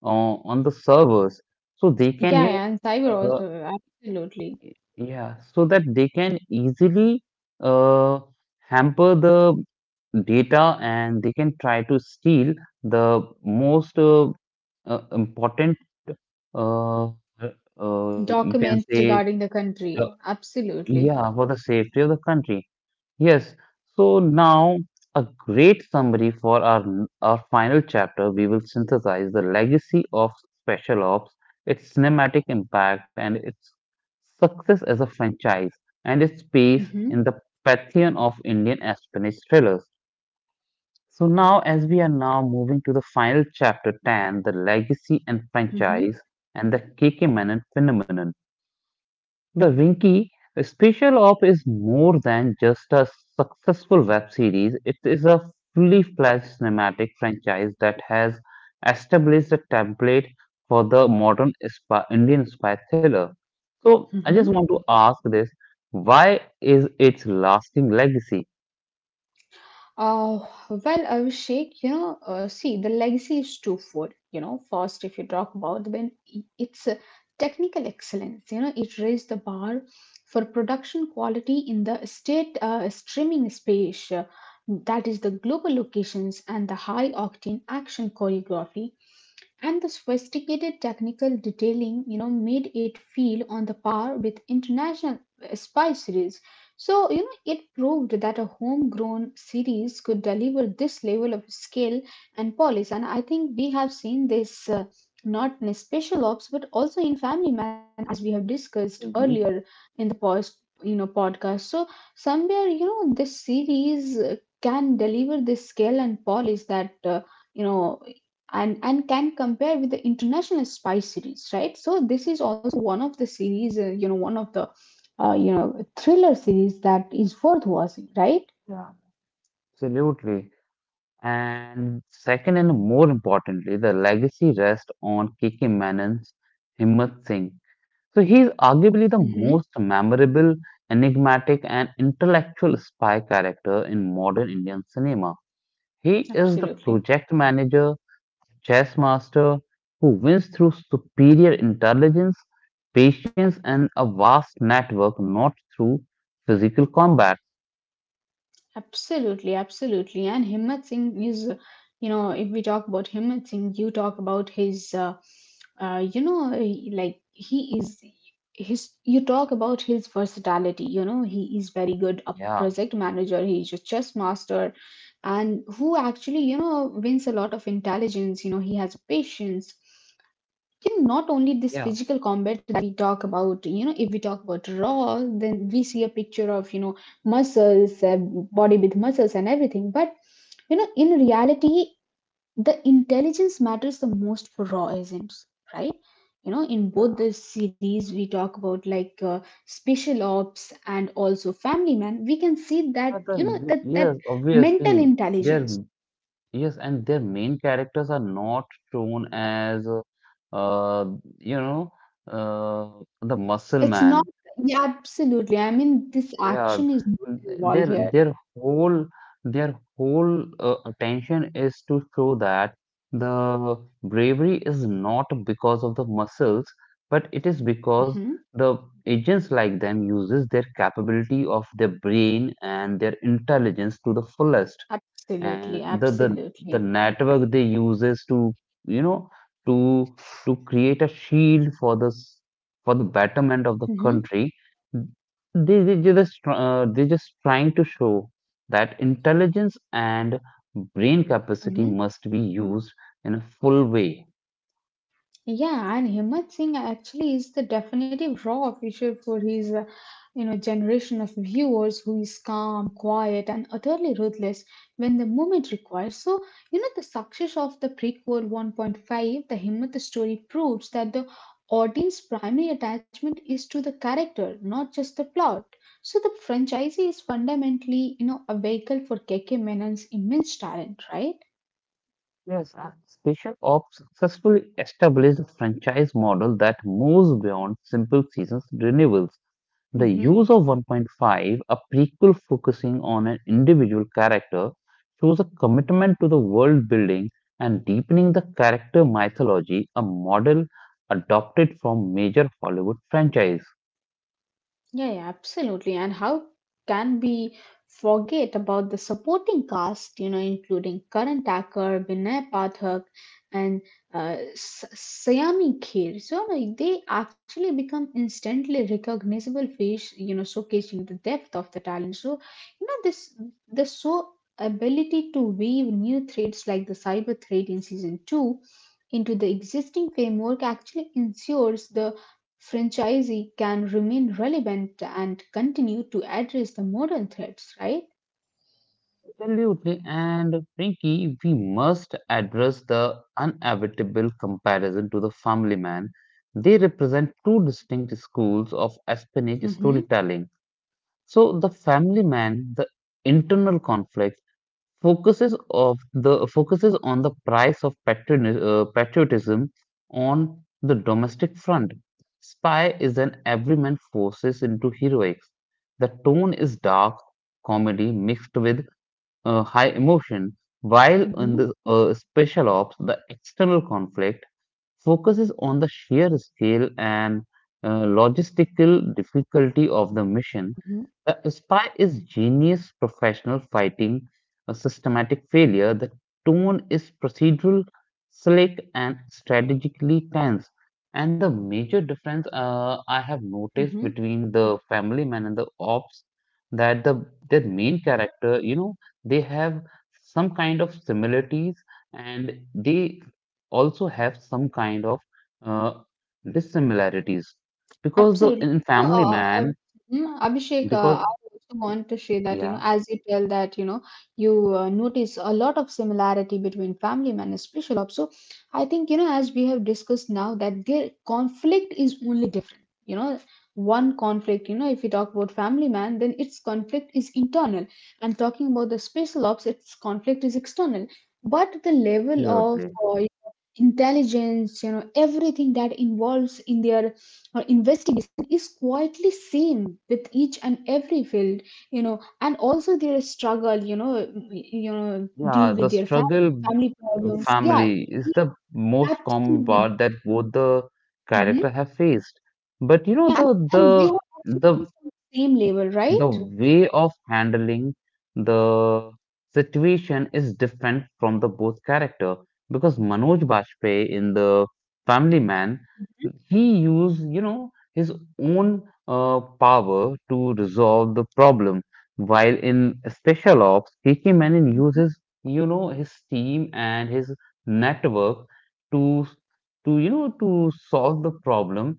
on the servers, so they Yeah, can, you yeah, know, and cyber also, absolutely. Y- yeah, so that they can easily uh, hamper the data, and they can try to steal the most important, you can Documents say, regarding the the, country, absolutely. yeah, for the safety of the country. Yes. So now, a great summary for our final chapter. We will synthesize the legacy of Special Ops, its cinematic impact, and its success as a franchise, and its space in Mm-hmm, the pantheon of Indian espionage thrillers. So now, as we are now moving to the final chapter ten, the legacy and mm-hmm, franchise, and the KK Menon phenomenon. The Winky special op is more than just a successful web series. It is a fully fledged cinematic franchise that has established a template for the modern spy, Indian spy thriller. So I just mm-hmm. want to ask this: why is its lasting legacy? Uh, well, Abhishek, you know, see, the legacy is twofold. You know, first, if you talk about it's a technical excellence, you know, it raised the bar for production quality in the state streaming space, that is the global locations and the high octane action choreography and the sophisticated technical detailing, you know, made it feel on the par with international spy series. So, you know, it proved that a homegrown series could deliver this level of skill and polish. And I think we have seen this not in Special Ops, but also in Family Man, as we have discussed Mhm. earlier in the post, you know, podcast. So somewhere, you know, this series can deliver this scale and polish that, you know, and can compare with the international spy series, right? So this is also one of the series, you know, one of the you know, thriller series that is worth watching, right? Yeah. Absolutely. And second, and more importantly, the legacy rests on K.K. Menon's Himmat Singh. So he is arguably the Mm-hmm. most memorable, enigmatic, and intellectual spy character in modern Indian cinema. He is the Absolutely. project manager, chess master, who wins through superior intelligence, patience, and a vast network, not through physical combat. Absolutely, absolutely. And Himmat Singh is, you know, if we talk about Himmat Singh, you talk about his, you know, like he is his. You talk about his versatility. You know, he is very good a Yeah, project manager. He's a chess master, and who actually, you know, wins a lot of intelligence. You know, he has patience, you know, not only this yeah, physical combat that we talk about. You know, if we talk about raw, then we see a picture of, you know, muscles, body with muscles and everything. But you know, in reality, the intelligence matters the most for raw agents, right? You know, in both the series we talk about, like, Special Ops and also Family Man, we can see that, yeah, you know, that yes, mental obviously, intelligence, their yes, and their main characters are not shown as uh, you know, uh, the muscle it's not, man. yeah, absolutely. I mean, this Yeah, action is not involved here. their whole their whole attention is to show that the bravery is not because of the muscles, but it is Mm-hmm. because the agents like them uses their capability of their brain and their intelligence to the fullest, Absolutely, and the absolutely. the network they uses to, you know, to to create a shield for the for the betterment of the Mm-hmm, country. They just they just trying to show that intelligence and brain capacity mm-hmm. must be used in a full way. Yeah, and Himmat Singh actually is the definitive raw official for his, you know, generation of viewers who is calm, quiet, and utterly ruthless when the moment requires. So, you know, the success of the prequel 1.5, the Himmat story proves that the audience primary attachment is to the character, not just the plot. So the franchise is fundamentally, you know, a vehicle for K K Menon's immense talent, right? Yes, special ops successfully established a franchise model that moves beyond simple seasons renewals. The use of 1.5, a prequel focusing on an individual character, shows a commitment to the world building and deepening the character mythology, a model adopted from major Hollywood franchise. Yeah, yeah, absolutely. And how can we forget about the supporting cast, you know, including Karan Thakur, Vinay Pathak, and Sayami Kher. So you, they actually become instantly recognizable face, you know, showcasing the depth of the talent. So, you know, this the so ability to weave new threads like the cyber thread in season two into the existing framework actually ensures the franchisee can remain relevant and continue to address the modern threats, right? Absolutely, and Frankie, we must address the inevitable comparison to the Family Man. They represent two distinct schools of espionage Mm-hmm, storytelling. So, the Family Man, the internal conflict focuses on the price of patriotism on the domestic front. Spy is an everyman forces into heroics. The tone is dark comedy mixed with high emotion, while in the, mm-hmm, special ops, the external conflict focuses on the sheer scale and logistical difficulty of the mission. The spy is genius professional fighting a systematic failure. The tone is procedural, slick, and strategically tense. And the major difference I have noticed mm-hmm. between the family man and the ops, that the their main character, you know, they have some kind of similarities, and they also have some kind of uh, dissimilarities, because the in Absolutely. You family know, man, Abhishek, because, I also want to share that, you know, yeah, as you tell that, you know, you notice a lot of similarity between Family Man and Special Ops. So I think, you know, as we have discussed now, that their conflict is only different. You know, one conflict, you know, if you talk about Family Man, then its conflict is internal. And talking about the Special Ops, its conflict is external. But the level of absolutely. Intelligence, you know, everything that involves in their or investigation is quietly seen with each and every field. You know, and also their struggle, you know, you know, deal Yeah, with the their family, struggle, family problems, yeah, family they, is the most common absolutely. part that both the character Hmm. have faced, but you know Yeah, and they have the actually been on the same level, the right? way of handling the situation is different from the both character, because Manoj Bajpayee in the Family Man, he used, you know, his own power to resolve the problem, while in Special Ops, K K Menon Mhm. uses, you know, his team and his network to you know, to solve the problem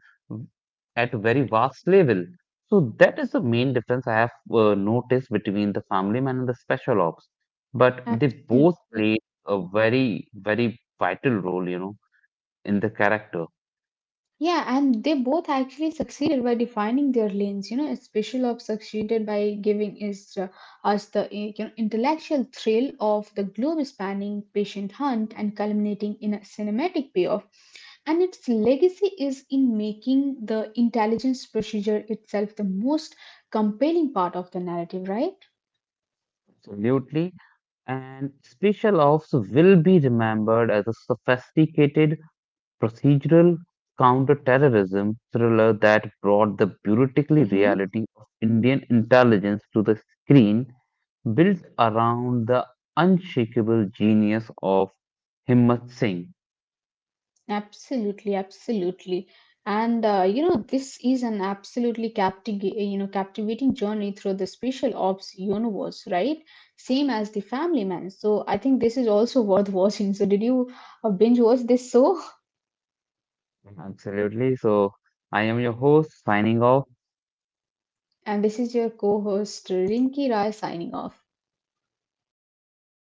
at a very vast level. So that is the main difference I have noticed between the family man and the special ops. But they both Absolutely. play a very, very vital role, you know, in the character. Yeah, and they both actually succeeded by defining their lanes. You know, Special Ops succeeded by giving us, us the you know, intellectual thrill of the globe-spanning patient hunt and culminating in a cinematic payoff. And its legacy is in making the intelligence procedure itself the most compelling part of the narrative, right? Absolutely. And special ops will be remembered as a sophisticated procedural counterterrorism thriller that brought the beautifully Mhm. reality of Indian intelligence to the screen, built around the unshakable genius of Himmat Singh. Absolutely, absolutely. And you know, this is an absolutely you know, captivating journey through the Special Ops universe, right? Same as the Family Man. So I think this is also (laughs) worth watching. So did you binge watch this? So, Absolutely. So I am your host signing off. and this is your co-host Rinki Rai signing off.